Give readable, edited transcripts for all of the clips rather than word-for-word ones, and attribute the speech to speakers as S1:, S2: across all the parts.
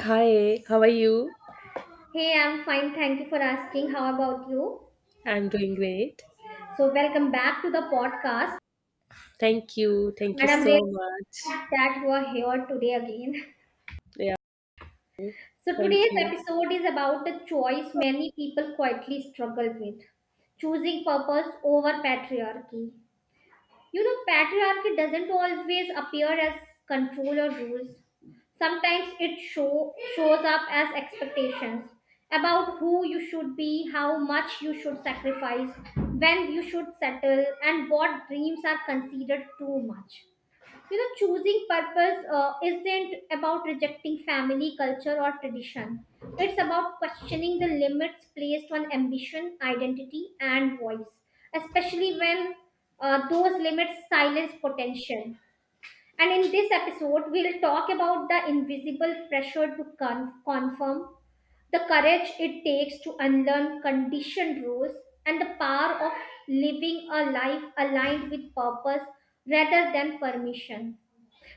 S1: Hi, how are you?
S2: Hey, I'm fine. Thank you for asking. How about you?
S1: I'm doing great.
S2: So, welcome back to the podcast.
S1: Thank you. Thank you
S2: And I'm really
S1: so much.
S2: glad that you are here today again.
S1: Yeah,
S2: So,
S1: thank
S2: today's
S1: you.
S2: episode is about a choice many people quietly struggle with choosing purpose over patriarchy. You know, patriarchy doesn't always appear as control or rules. Sometimes it shows up as expectations about who you should be, how much you should sacrifice, when you should settle, and what dreams are considered too much. You know, choosing purpose isn't about rejecting family, culture, or tradition. It's about questioning the limits placed on ambition, identity, and voice, especially when those limits silence potential. And in this episode, we'll talk about the invisible pressure to confirm, the courage it takes to unlearn conditioned rules, and the power of living a life aligned with purpose rather than permission.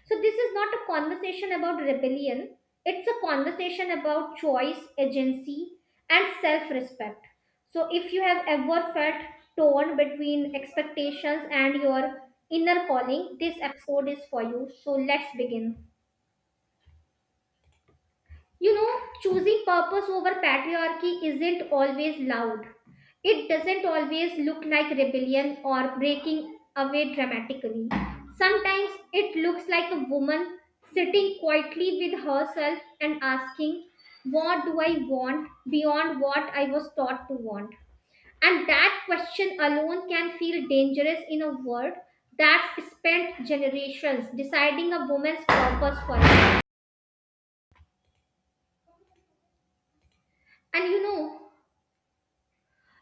S2: So, this is not a conversation about rebellion, it's a conversation about choice, agency, and self respect. So, if you have ever felt torn between expectations and your inner calling, this episode is for you. So, let's begin. You know, choosing purpose over patriarchy isn't always loud. It doesn't always look like rebellion or breaking away dramatically. Sometimes it looks like a woman sitting quietly with herself and asking, what do I want beyond what I was taught to want? And that question alone can feel dangerous in a world that's spent generations deciding a woman's purpose for life. And you know,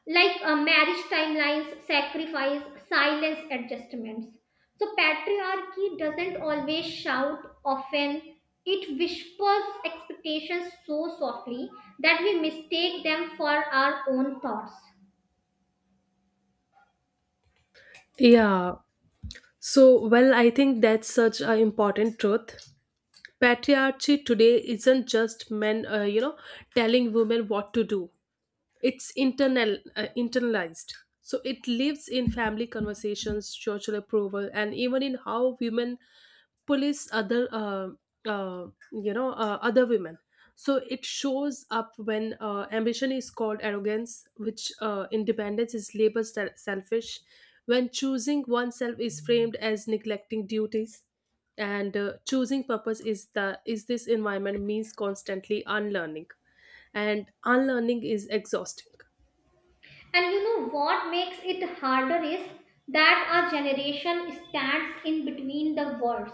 S2: like marriage timelines, sacrifice, silence adjustments. So, patriarchy doesn't always shout, often it whispers expectations so softly that we mistake them for our own thoughts.
S1: Yeah. Well, I think that's such an important truth. Patriarchy today isn't just men, you know, telling women what to do. It's internalized, so it lives in family conversations, social approval, and even in how women police other uh, you know other women. So it shows up when ambition is called arrogance, which independence is labeled selfish, when choosing oneself is framed as neglecting duties, and choosing purpose is the is this environment means constantly unlearning, and unlearning is exhausting.
S2: And you know what makes it harder is that our generation stands in between the worlds.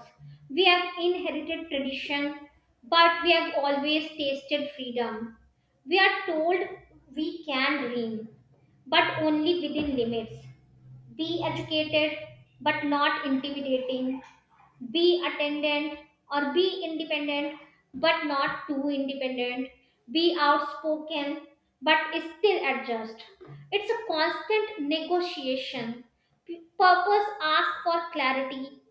S2: We have inherited tradition, but we have always tasted freedom. We are told we can dream but only within limits. Be educated, but not intimidating. Be attendant or be independent, but not too independent. Be outspoken, but still adjust. It's a constant negotiation. Purpose asks for clarity.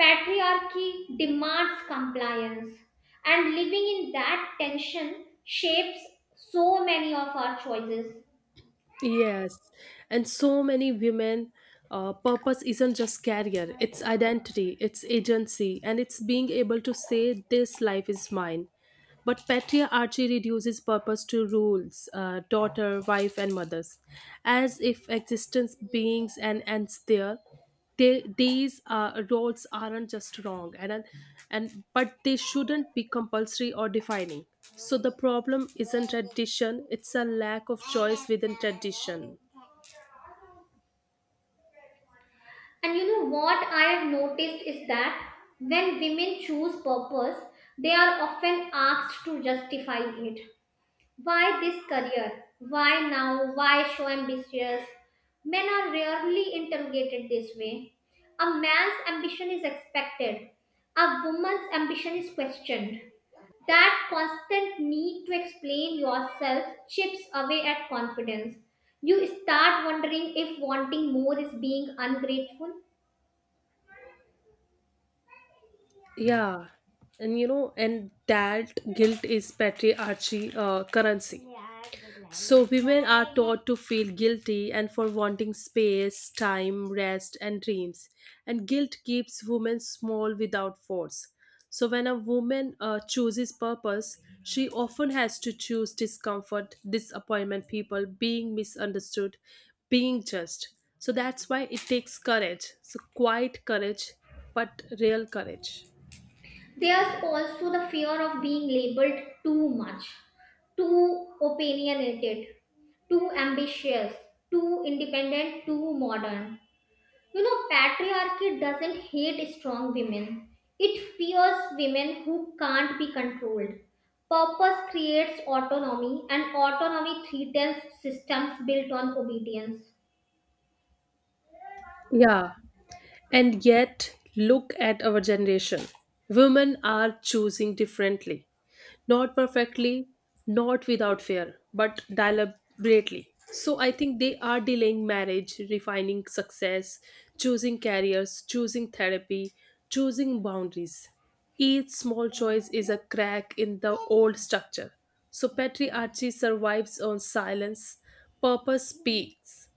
S2: Patriarchy demands compliance. And living in that tension shapes so many of our choices.
S1: Yes, and so many women, purpose isn't just career, it's identity, it's agency, and it's being able to say, "This life is mine." But patriarchy reduces purpose to rules, daughter, wife, and mothers, as if existence beings and ends there. These roles aren't just wrong, and but they shouldn't be compulsory or defining. So the problem isn't tradition; it's a lack of choice within tradition.
S2: And you know what I have noticed is that when women choose purpose, they are often asked to justify it. Why this career? Why now? Why so ambitious? Men are rarely interrogated this way. A man's ambition is expected, a woman's ambition is questioned. That constant need to explain yourself chips away at confidence. You start wondering if wanting more is being ungrateful.
S1: Yeah, and you know, and that guilt is patriarchy currency. So, women are taught to feel guilty and for wanting space, time, rest, and dreams. And guilt keeps women small without force. So, when a woman chooses purpose, she often has to choose discomfort, disappointment, people, being misunderstood, being judged. So, that's why it takes courage. So, quiet courage, but real courage.
S2: There's also the fear of being labeled too much, too opinionated, too ambitious, too independent, too modern. You know, patriarchy doesn't hate strong women, it fears women who can't be controlled. Purpose creates autonomy, and autonomy threatens systems built on obedience.
S1: Yeah. And yet, look at our generation. Women are choosing differently. Not perfectly, not without fear, but deliberately. So I think they are delaying marriage, refining success, choosing careers, choosing therapy, choosing boundaries. Each small choice is a crack in the old structure. So patriarchy survives on silence, purpose speaks.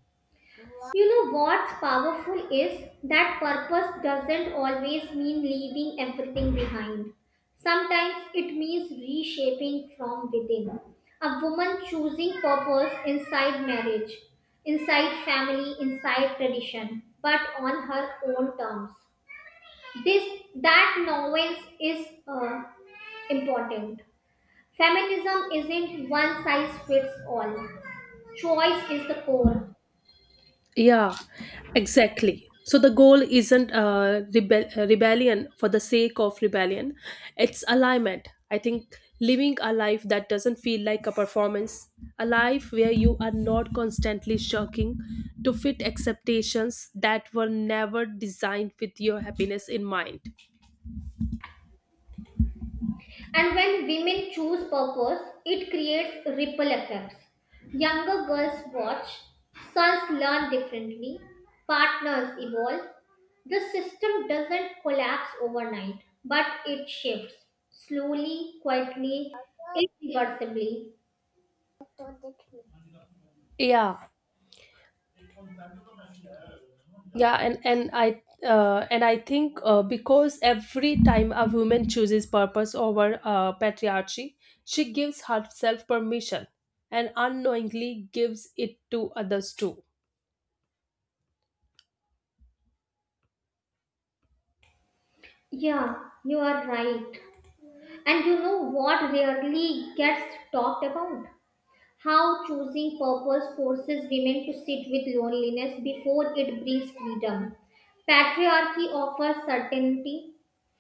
S2: You know what's powerful is that purpose doesn't always mean leaving everything behind. Sometimes it means reshaping from within. A woman choosing purpose inside marriage, inside family, inside tradition, but on her own terms. This That nuance is important. Feminism isn't one size fits all. Choice is the core.
S1: Yeah, exactly. So the goal isn't rebellion for the sake of rebellion, it's alignment. I think living a life that doesn't feel like a performance, a life where you are not constantly shirking to fit expectations that were never designed with your happiness in mind.
S2: And when women choose purpose, it creates ripple effects. Younger girls watch, sons learn differently, partners evolve. The system doesn't collapse overnight, but it shifts slowly, quietly, irreversibly.
S1: Yeah, yeah, and I think because every time a woman chooses purpose over patriarchy, she gives herself permission and unknowingly gives it to others too.
S2: Yeah, you are right. And you know what rarely gets talked about? How choosing purpose forces women to sit with loneliness before it brings freedom. Patriarchy offers certainty,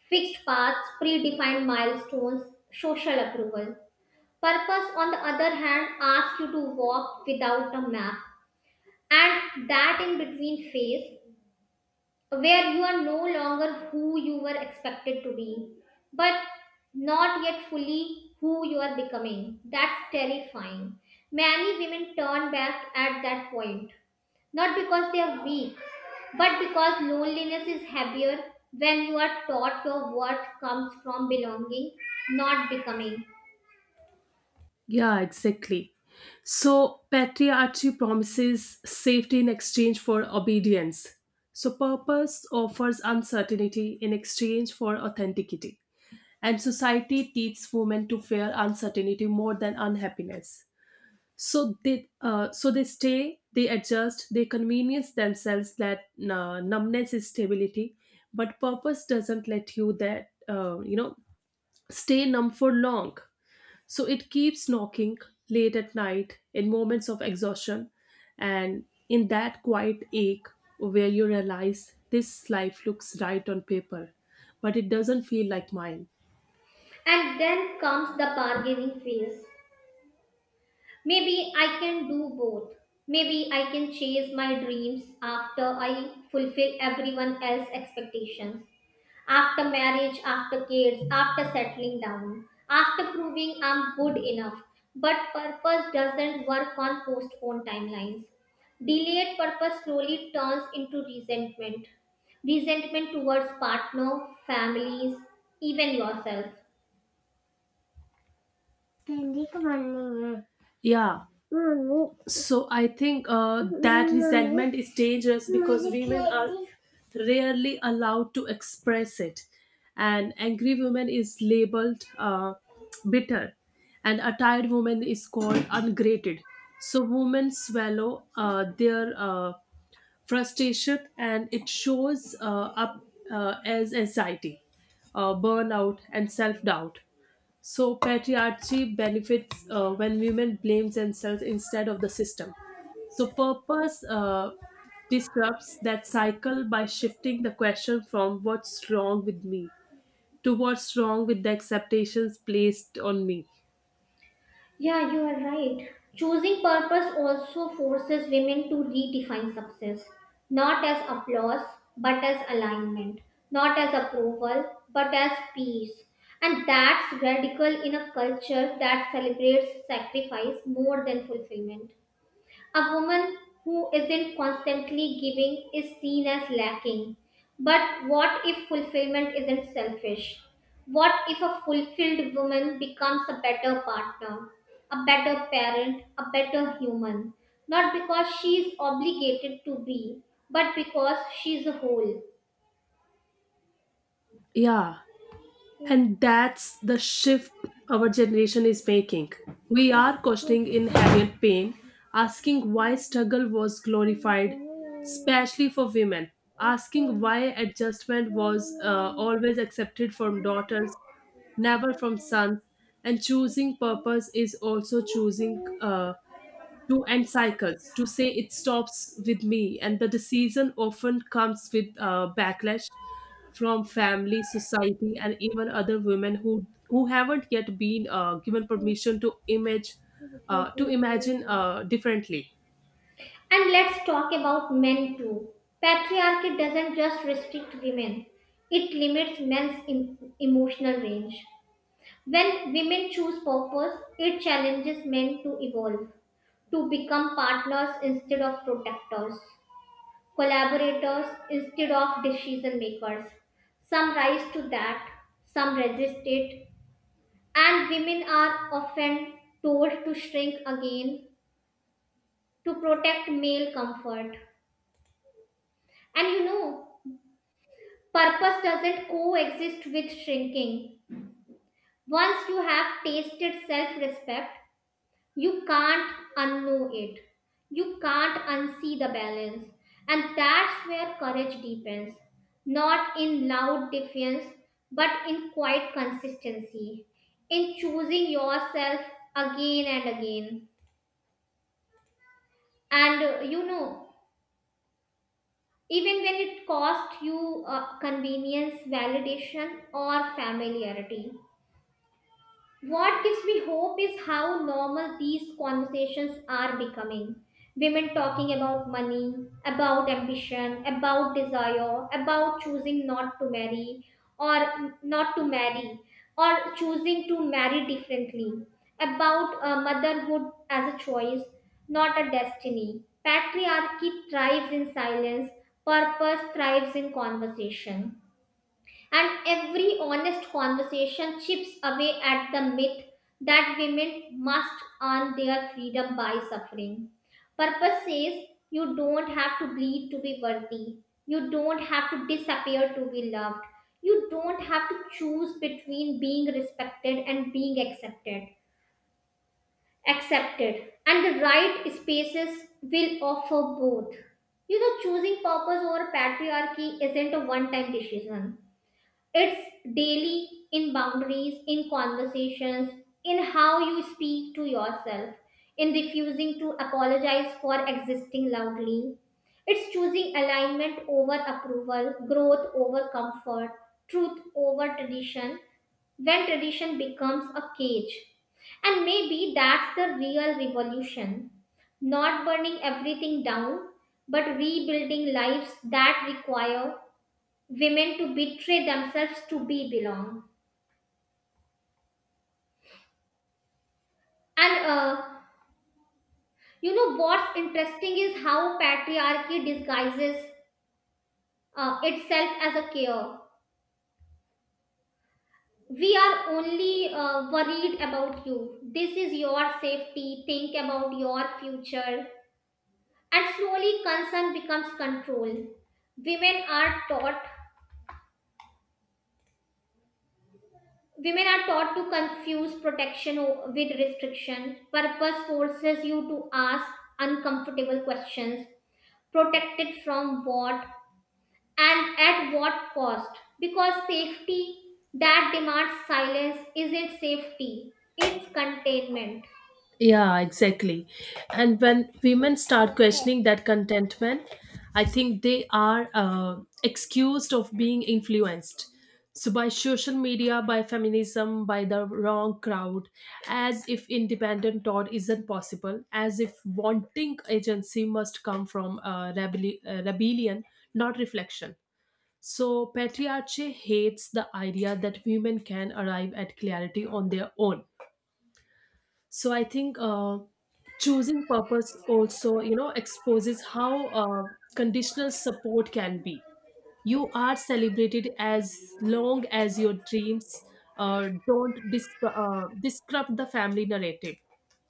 S2: fixed paths, predefined milestones, social approval. Purpose, on the other hand, asks you to walk without a map, and that in between phase where you are no longer who you were expected to be, but not yet fully who you are becoming. That's terrifying. Many women turn back at that point, not because they are weak, but because loneliness is heavier when you are taught your worth comes from belonging, not becoming.
S1: Yeah, exactly. So, patriarchy promises safety in exchange for obedience. So, purpose offers uncertainty in exchange for authenticity. And society teaches women to fear uncertainty more than unhappiness. So they stay, they adjust, they convenience themselves that numbness is stability, but purpose doesn't let you that you know stay numb for long. So it keeps knocking late at night in moments of exhaustion, and in that quiet ache where you realize this life looks right on paper, but it doesn't feel like mine.
S2: And then comes the bargaining phase. Maybe I can do both. Maybe I can chase my dreams after I fulfill everyone else's expectations. After marriage, after kids, after settling down, after proving I'm good enough. But purpose doesn't work on postponed timelines. Delayed purpose slowly turns into resentment. Resentment towards partner, families, even yourself.
S1: Ständig running. Yeah. Mommy, so I think that mummy resentment is dangerous because मुझे women are candy rarely allowed to express it. An angry woman is labeled bitter, and a tired woman is called ungraded. So women swallow their frustration, and it shows up as anxiety, burnout, and self doubt. So patriarchy benefits when women blame themselves instead of the system. So purpose disrupts that cycle by shifting the question from what's wrong with me to what's wrong with the expectations placed on me.
S2: Yeah, you are right. Choosing purpose also forces women to redefine success, not as applause, but as alignment, not as approval, but as peace. And that's radical in a culture that celebrates sacrifice more than fulfillment. A woman who isn't constantly giving is seen as lacking. But what if fulfillment isn't selfish? What if a fulfilled woman becomes a better partner, a better parent, a better human? Not because she is obligated to be, but because she is whole.
S1: Yeah, and that's the shift our generation is making. We are questioning in heavy and pain, asking why struggle was glorified, especially for women, asking why adjustment was always accepted from daughters, never from sons, and choosing purpose is also choosing to end cycles, to say it stops with me. And the decision often comes with backlash from family, society, and even other women who haven't yet been given permission to image to imagine differently.
S2: And let's talk about men too. Patriarchy doesn't just restrict women, it limits men's emotional range. When women choose purpose, it challenges men to evolve, to become partners instead of protectors, collaborators instead of decision makers. Some rise to that, some resist it, and women are often told to shrink again to protect male comfort. And you know, purpose doesn't coexist with shrinking. Once you have tasted self respect, you can't unknow it. You can't unsee the balance. And that's where courage deepens. Not in loud defiance, but in quiet consistency. In choosing yourself again and again. And you know, even when it costs you convenience, validation, or familiarity. What gives me hope is how normal these conversations are becoming. Women talking about money, about ambition, about desire, about choosing not to marry or not to marry, or choosing to marry differently, about motherhood as a choice, not a destiny. Patriarchy thrives in silence, purpose thrives in conversation. And every honest conversation chips away at the myth that women must earn their freedom by suffering. Purpose says you don't have to bleed to be worthy. You don't have to disappear to be loved. You don't have to choose between being respected and being accepted. Accepted. And the right spaces will offer both. You know, choosing purpose over patriarchy isn't a one time decision. It's daily in boundaries, in conversations, in how you speak to yourself, in refusing to apologize for existing loudly. It's choosing alignment over approval, growth over comfort, truth over tradition, when tradition becomes a cage. And maybe that's the real revolution. Not burning everything down, but rebuilding lives that require women to betray themselves to be belong. And you know what's interesting is how patriarchy disguises itself as a care. We are only worried about you, this is your safety, think about your future. And slowly concern becomes control. women are taught Women are taught to confuse protection with restriction. Purpose forces you to ask uncomfortable questions. Protected from what, and at what cost? Because safety that demands silence isn't safety, it's containment.
S1: Yeah, exactly. And when women start questioning that contentment, I think they are excused of being influenced. So by social media, by feminism, by the wrong crowd, as if independent thought isn't possible, as if wanting agency must come from rebellion, not reflection. So patriarchy hates the idea that women can arrive at clarity on their own. So I think choosing purpose also, you know, exposes how conditional support can be. You are celebrated as long as your dreams don't disrupt the family narrative.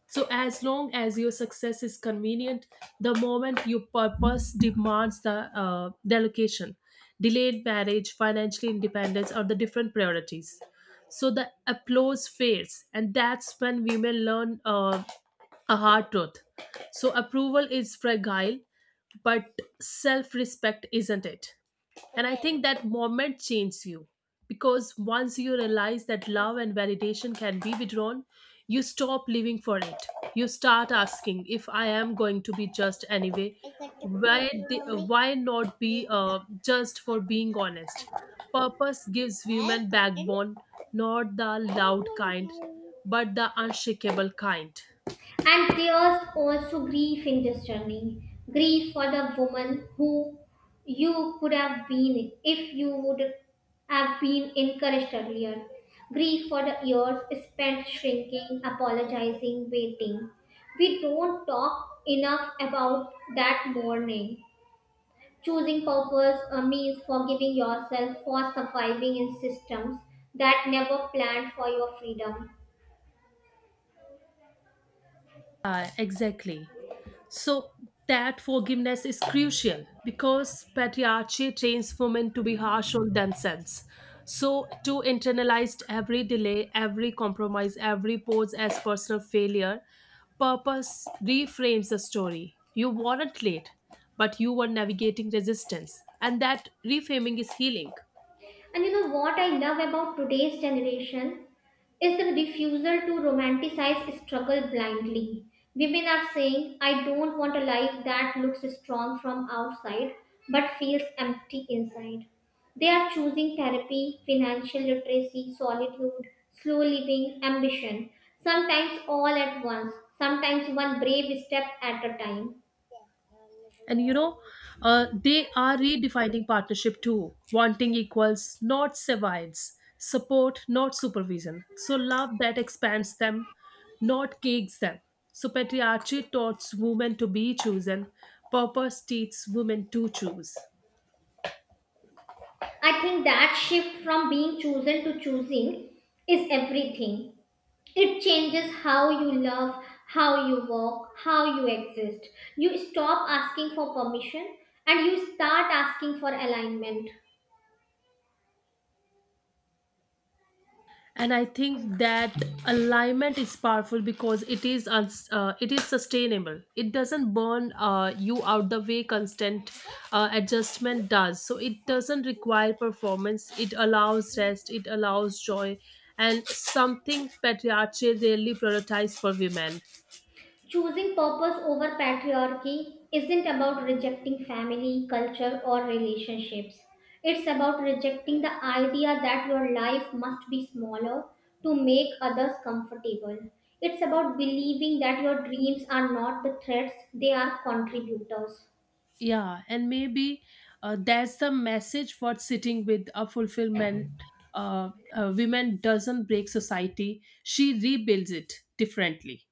S1: So, as long as your success is convenient, the moment your purpose demands the delocation, delayed marriage, financial independence are the different priorities. So, the applause fades, and that's when women learn a hard truth. So, approval is fragile, but self respect isn't it? And I think that moment changes you because once you realize that love and validation can be withdrawn, you stop living for it. You start asking if I am going to be judged anyway, why not be judged for being honest? Purpose gives women backbone, not the loud kind, but the unshakable kind.
S2: And there's also grief in this journey, grief for the woman who you could have been if you would have been encouraged earlier, grief for the years spent shrinking, apologizing, waiting. We don't talk enough about that mourning. Choosing purpose means forgiving yourself for surviving in systems that never planned for your freedom.
S1: Exactly. So that forgiveness is crucial because patriarchy trains women to be harsh on themselves. So to internalize every delay, every compromise, every pause as personal failure, purpose reframes the story. You weren't late, but you were navigating resistance. And that reframing is healing.
S2: And you know what I love about today's generation is the refusal to romanticize struggle blindly. Women are saying, I don't want a life that looks strong from outside but feels empty inside. They are choosing therapy, financial literacy, solitude, slow living, ambition, sometimes all at once, sometimes one brave step at a time.
S1: And you know, they are redefining partnership too, wanting equals not survives, support not supervision, so love that expands them, not cakes them. So patriarchy taught women to be chosen, purpose teaches women to choose.
S2: I think that shift from being chosen to choosing is everything. It changes how you love, how you walk, how you exist. You stop asking for permission and you start asking for alignment.
S1: And I think that alignment is powerful because it is sustainable. It doesn't burn you out the way constant adjustment does. So it doesn't require performance, it allows rest, it allows joy, and something patriarchy rarely prioritizes for women.
S2: Choosing purpose over patriarchy isn't about rejecting family, culture, or relationships. It's about rejecting the idea that your life must be smaller to make others comfortable. It's about believing that your dreams are not the threats, they are contributors.
S1: Yeah, and maybe that's the message for sitting with a fulfillment. Women doesn't break society, she rebuilds it differently.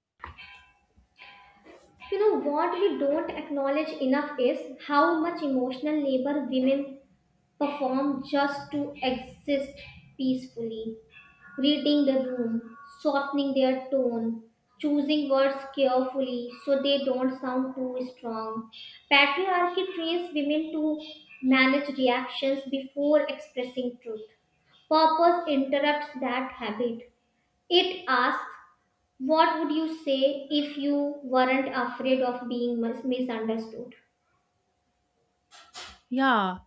S2: You know what we don't acknowledge enough is how much emotional labor women perform just to exist peacefully. Reading the room, softening their tone, choosing words carefully so they don't sound too strong. Patriarchy trains women to manage reactions before expressing truth. Purpose interrupts that habit. It asks, what would you say if you weren't afraid of being misunderstood?
S1: Yeah,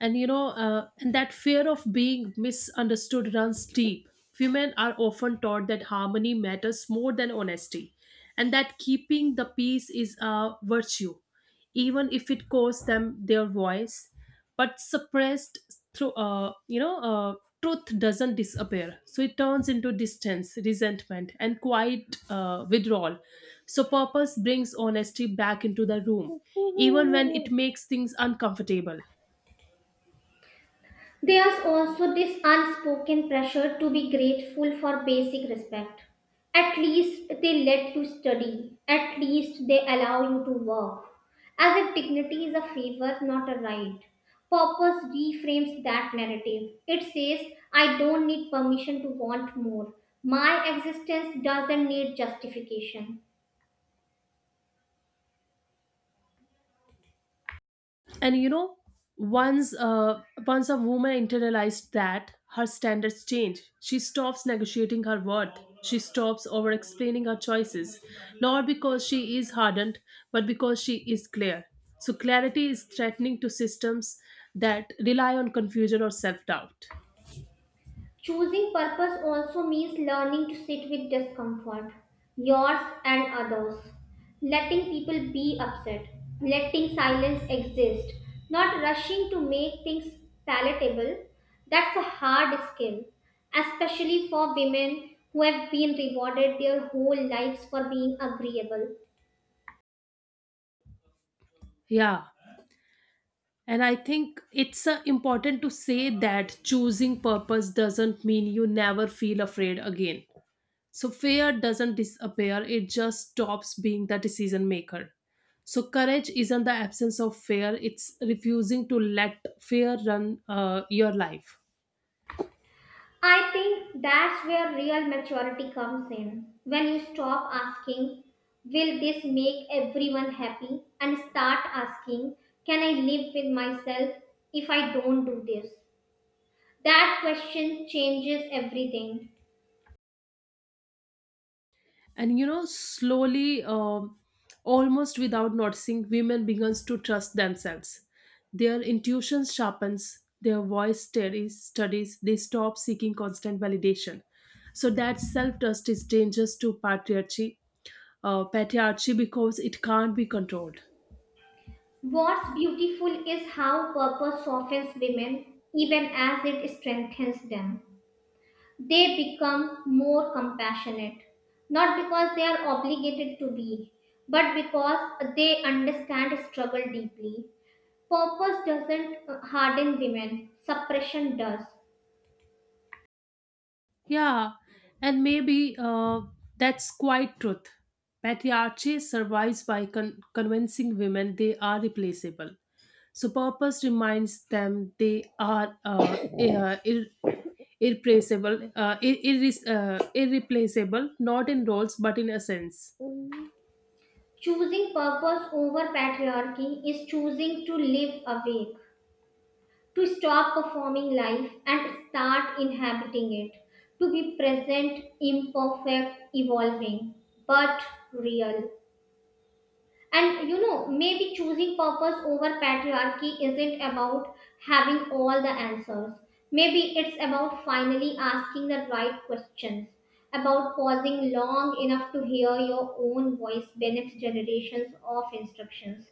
S1: and you know, and that fear of being misunderstood runs deep. Women are often taught that harmony matters more than honesty, and that keeping the peace is a virtue, even if it costs them their voice. But suppressed through, truth doesn't disappear, so it turns into distance, resentment, and quiet withdrawal. So purpose brings honesty back into the room, even when it makes things uncomfortable.
S2: There's also this unspoken pressure to be grateful for basic respect. At least they let you study, at least they allow you to work. As if dignity is a favor, not a right. Purpose reframes that narrative. It says, I don't need permission to want more. My existence doesn't need justification.
S1: And you know, once a woman internalized that, her standards change. She stops negotiating her worth, she stops over explaining her choices, not because she is hardened but because she is clear. So clarity is threatening to systems that rely on confusion or self doubt.
S2: Choosing purpose also means learning to sit with discomfort, yours and others, letting people be upset, letting silence exist, not rushing to make things palatable. That's a hard skill, especially for women who have been rewarded their whole lives for being agreeable.
S1: Yeah, and I think it's important to say that choosing purpose doesn't mean you never feel afraid again. So fear doesn't disappear, it just stops being the decision maker. So courage isn't the absence of fear, it's refusing to let fear run your life.
S2: I think that's where real maturity comes in. When you stop asking, will this make everyone happy? And start asking, can I live with myself if I don't do this? That question changes everything.
S1: And you know, slowly, almost without noticing, women begins to trust themselves. Their intuition sharpens, their voice steadies, studies, they stop seeking constant validation. So that self-trust is dangerous to patriarchy because it can't be controlled.
S2: What's beautiful is how purpose softens women even as it strengthens them. They become more compassionate, not because they are obligated to be, but because they understand struggle deeply. Purpose doesn't harden women, suppression does.
S1: Yeah, and maybe that's quite truth. Patriarchy survives by convincing women they are replaceable. So purpose reminds them they are irreplaceable, not in roles but in essence.
S2: Choosing purpose over patriarchy is choosing to live awake, to stop performing life and start inhabiting it, to be present, imperfect, evolving, but real. And you know, maybe choosing purpose over patriarchy isn't about having all the answers. Maybe it's about finally asking the right questions, about pausing long enough to hear your own voice beneath generations of instructions,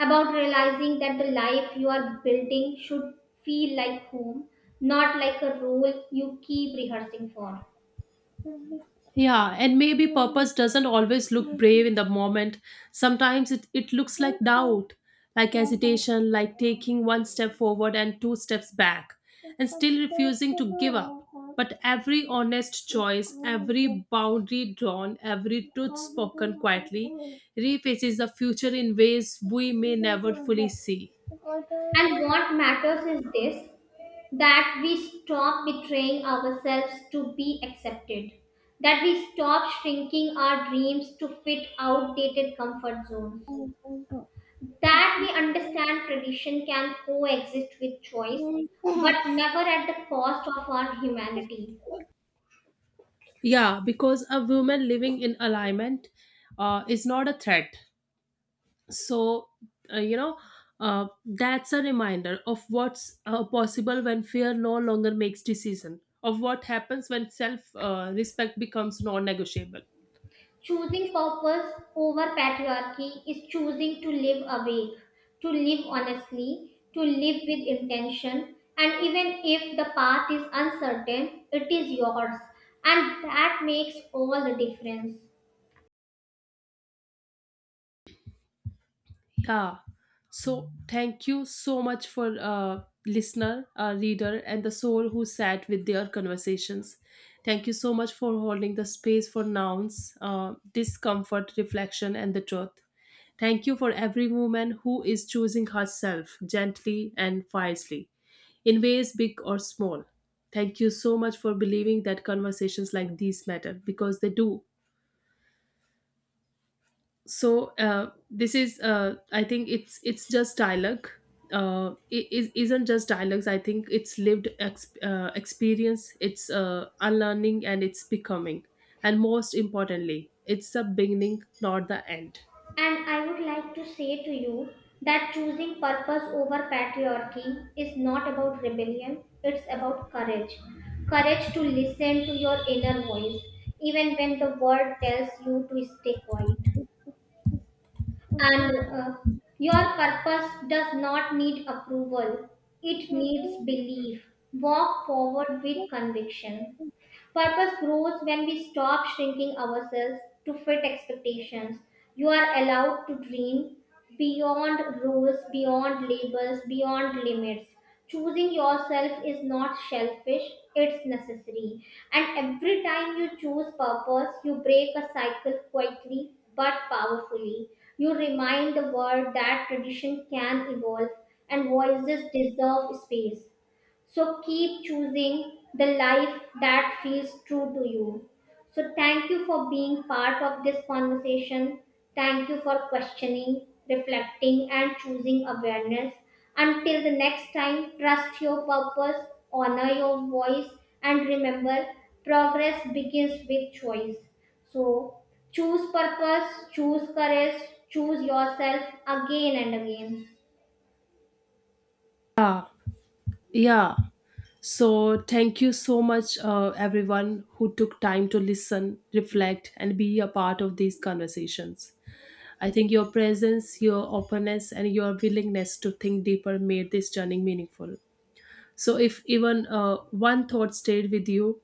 S2: about realizing that the life you are building should feel like home, not like a role you keep rehearsing for.
S1: Yeah, and maybe purpose doesn't always look brave in the moment. Sometimes it looks like doubt, like hesitation, like taking one step forward and two steps back, and still refusing to give up. But every honest choice, every boundary drawn, every truth spoken quietly refaces the future in ways we may never fully see.
S2: And what matters is this, that we stop betraying ourselves to be accepted, that we stop shrinking our dreams to fit outdated comfort zones, that we understand tradition can coexist with choice, but never at the cost of our humanity.
S1: Yeah, because a woman living in alignment is not a threat. So, uh, you know, that's a reminder of what's possible when fear no longer makes decision, of what happens when self respect becomes non negotiable.
S2: Choosing purpose over patriarchy is choosing to live awake, to live honestly, to live with intention, and even if the path is uncertain, it is yours, and that makes all the difference.
S1: Yeah. So thank you so much for listener, reader, and the soul who sat with their conversations. Thank you so much for holding the space for nouns, discomfort, reflection, and the truth. Thank you for every woman who is choosing herself gently and wisely, in ways big or small. Thank you so much for believing that conversations like these matter because they do. So this is I think it's just dialogue. Isn't just dialogues, I think it's lived experience, it's unlearning, and it's becoming. And most importantly, it's the beginning, not the end.
S2: And I would like to say to you that choosing purpose over patriarchy is not about rebellion, it's about courage. Courage to listen to your inner voice, even when the world tells you to stay quiet. And your purpose does not need approval, it needs belief. Walk forward with conviction. Purpose grows when we stop shrinking ourselves to fit expectations. You are allowed to dream beyond rules, beyond labels, beyond limits. Choosing yourself is not selfish, it's necessary. And every time you choose purpose, you break a cycle quietly but powerfully. You remind the world that tradition can evolve and voices deserve space. So keep choosing the life that feels true to you. So thank you for being part of this conversation. Thank you for questioning, reflecting, and choosing awareness. Until the next time, trust your purpose, honor your voice, and remember progress begins with choice. So choose purpose, choose courage, choose yourself again and again.
S1: Yeah, yeah. So thank you so much, everyone who took time to listen, reflect, and be a part of these conversations. I think your presence, your openness, and your willingness to think deeper made this journey meaningful. So, if even one thought stayed with you,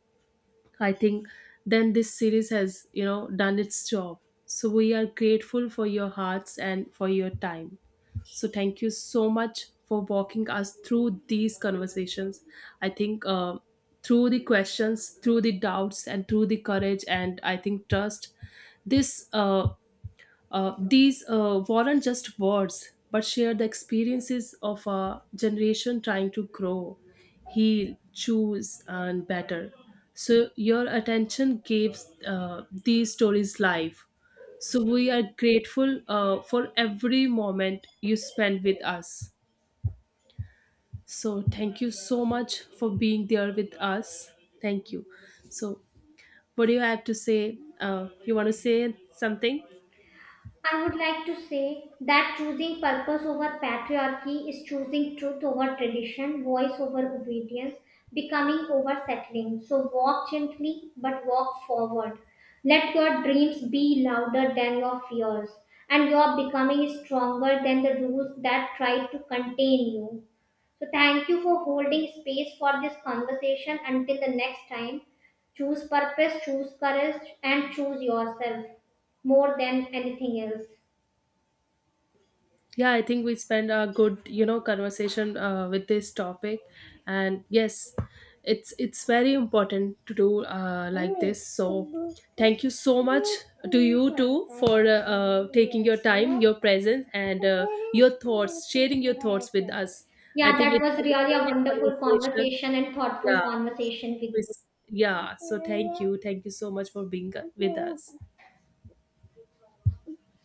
S1: I think then this series has, you know, done its job. So, we are grateful for your hearts and for your time. So, thank you so much for walking us through these conversations. I think through the questions, through the doubts, and through the courage, and I think trust, this these weren't just words, but share the experiences of a generation trying to grow, heal, choose, and better. So, your attention gave these stories life. So, we are grateful for every moment you spend with us. So, thank you so much for being there with us. Thank you. So, what do you have to say? You want to say something?
S2: I would like to say that choosing purpose over patriarchy is choosing truth over tradition, voice over obedience, becoming over settling. So walk gently but walk forward. Let your dreams be louder than your fears, and your becoming is stronger than the rules that try to contain you. So thank you for holding space for this conversation. Until the next time, choose purpose, choose courage, and choose yourself more than anything else.
S1: Yeah, I think we spend a good, you know, conversation with this topic. And yes, it's very important to do like this. So thank you so much to you too for taking your time, your presence, and your thoughts, sharing your thoughts with us. I
S2: Yeah,
S1: think
S2: that
S1: it
S2: was
S1: was a
S2: really a
S1: great
S2: wonderful
S1: conversation.
S2: conversation and thoughtful
S1: Yeah.
S2: conversation with
S1: it
S2: you.
S1: was- yeah, so thank you, thank you so much for being with us.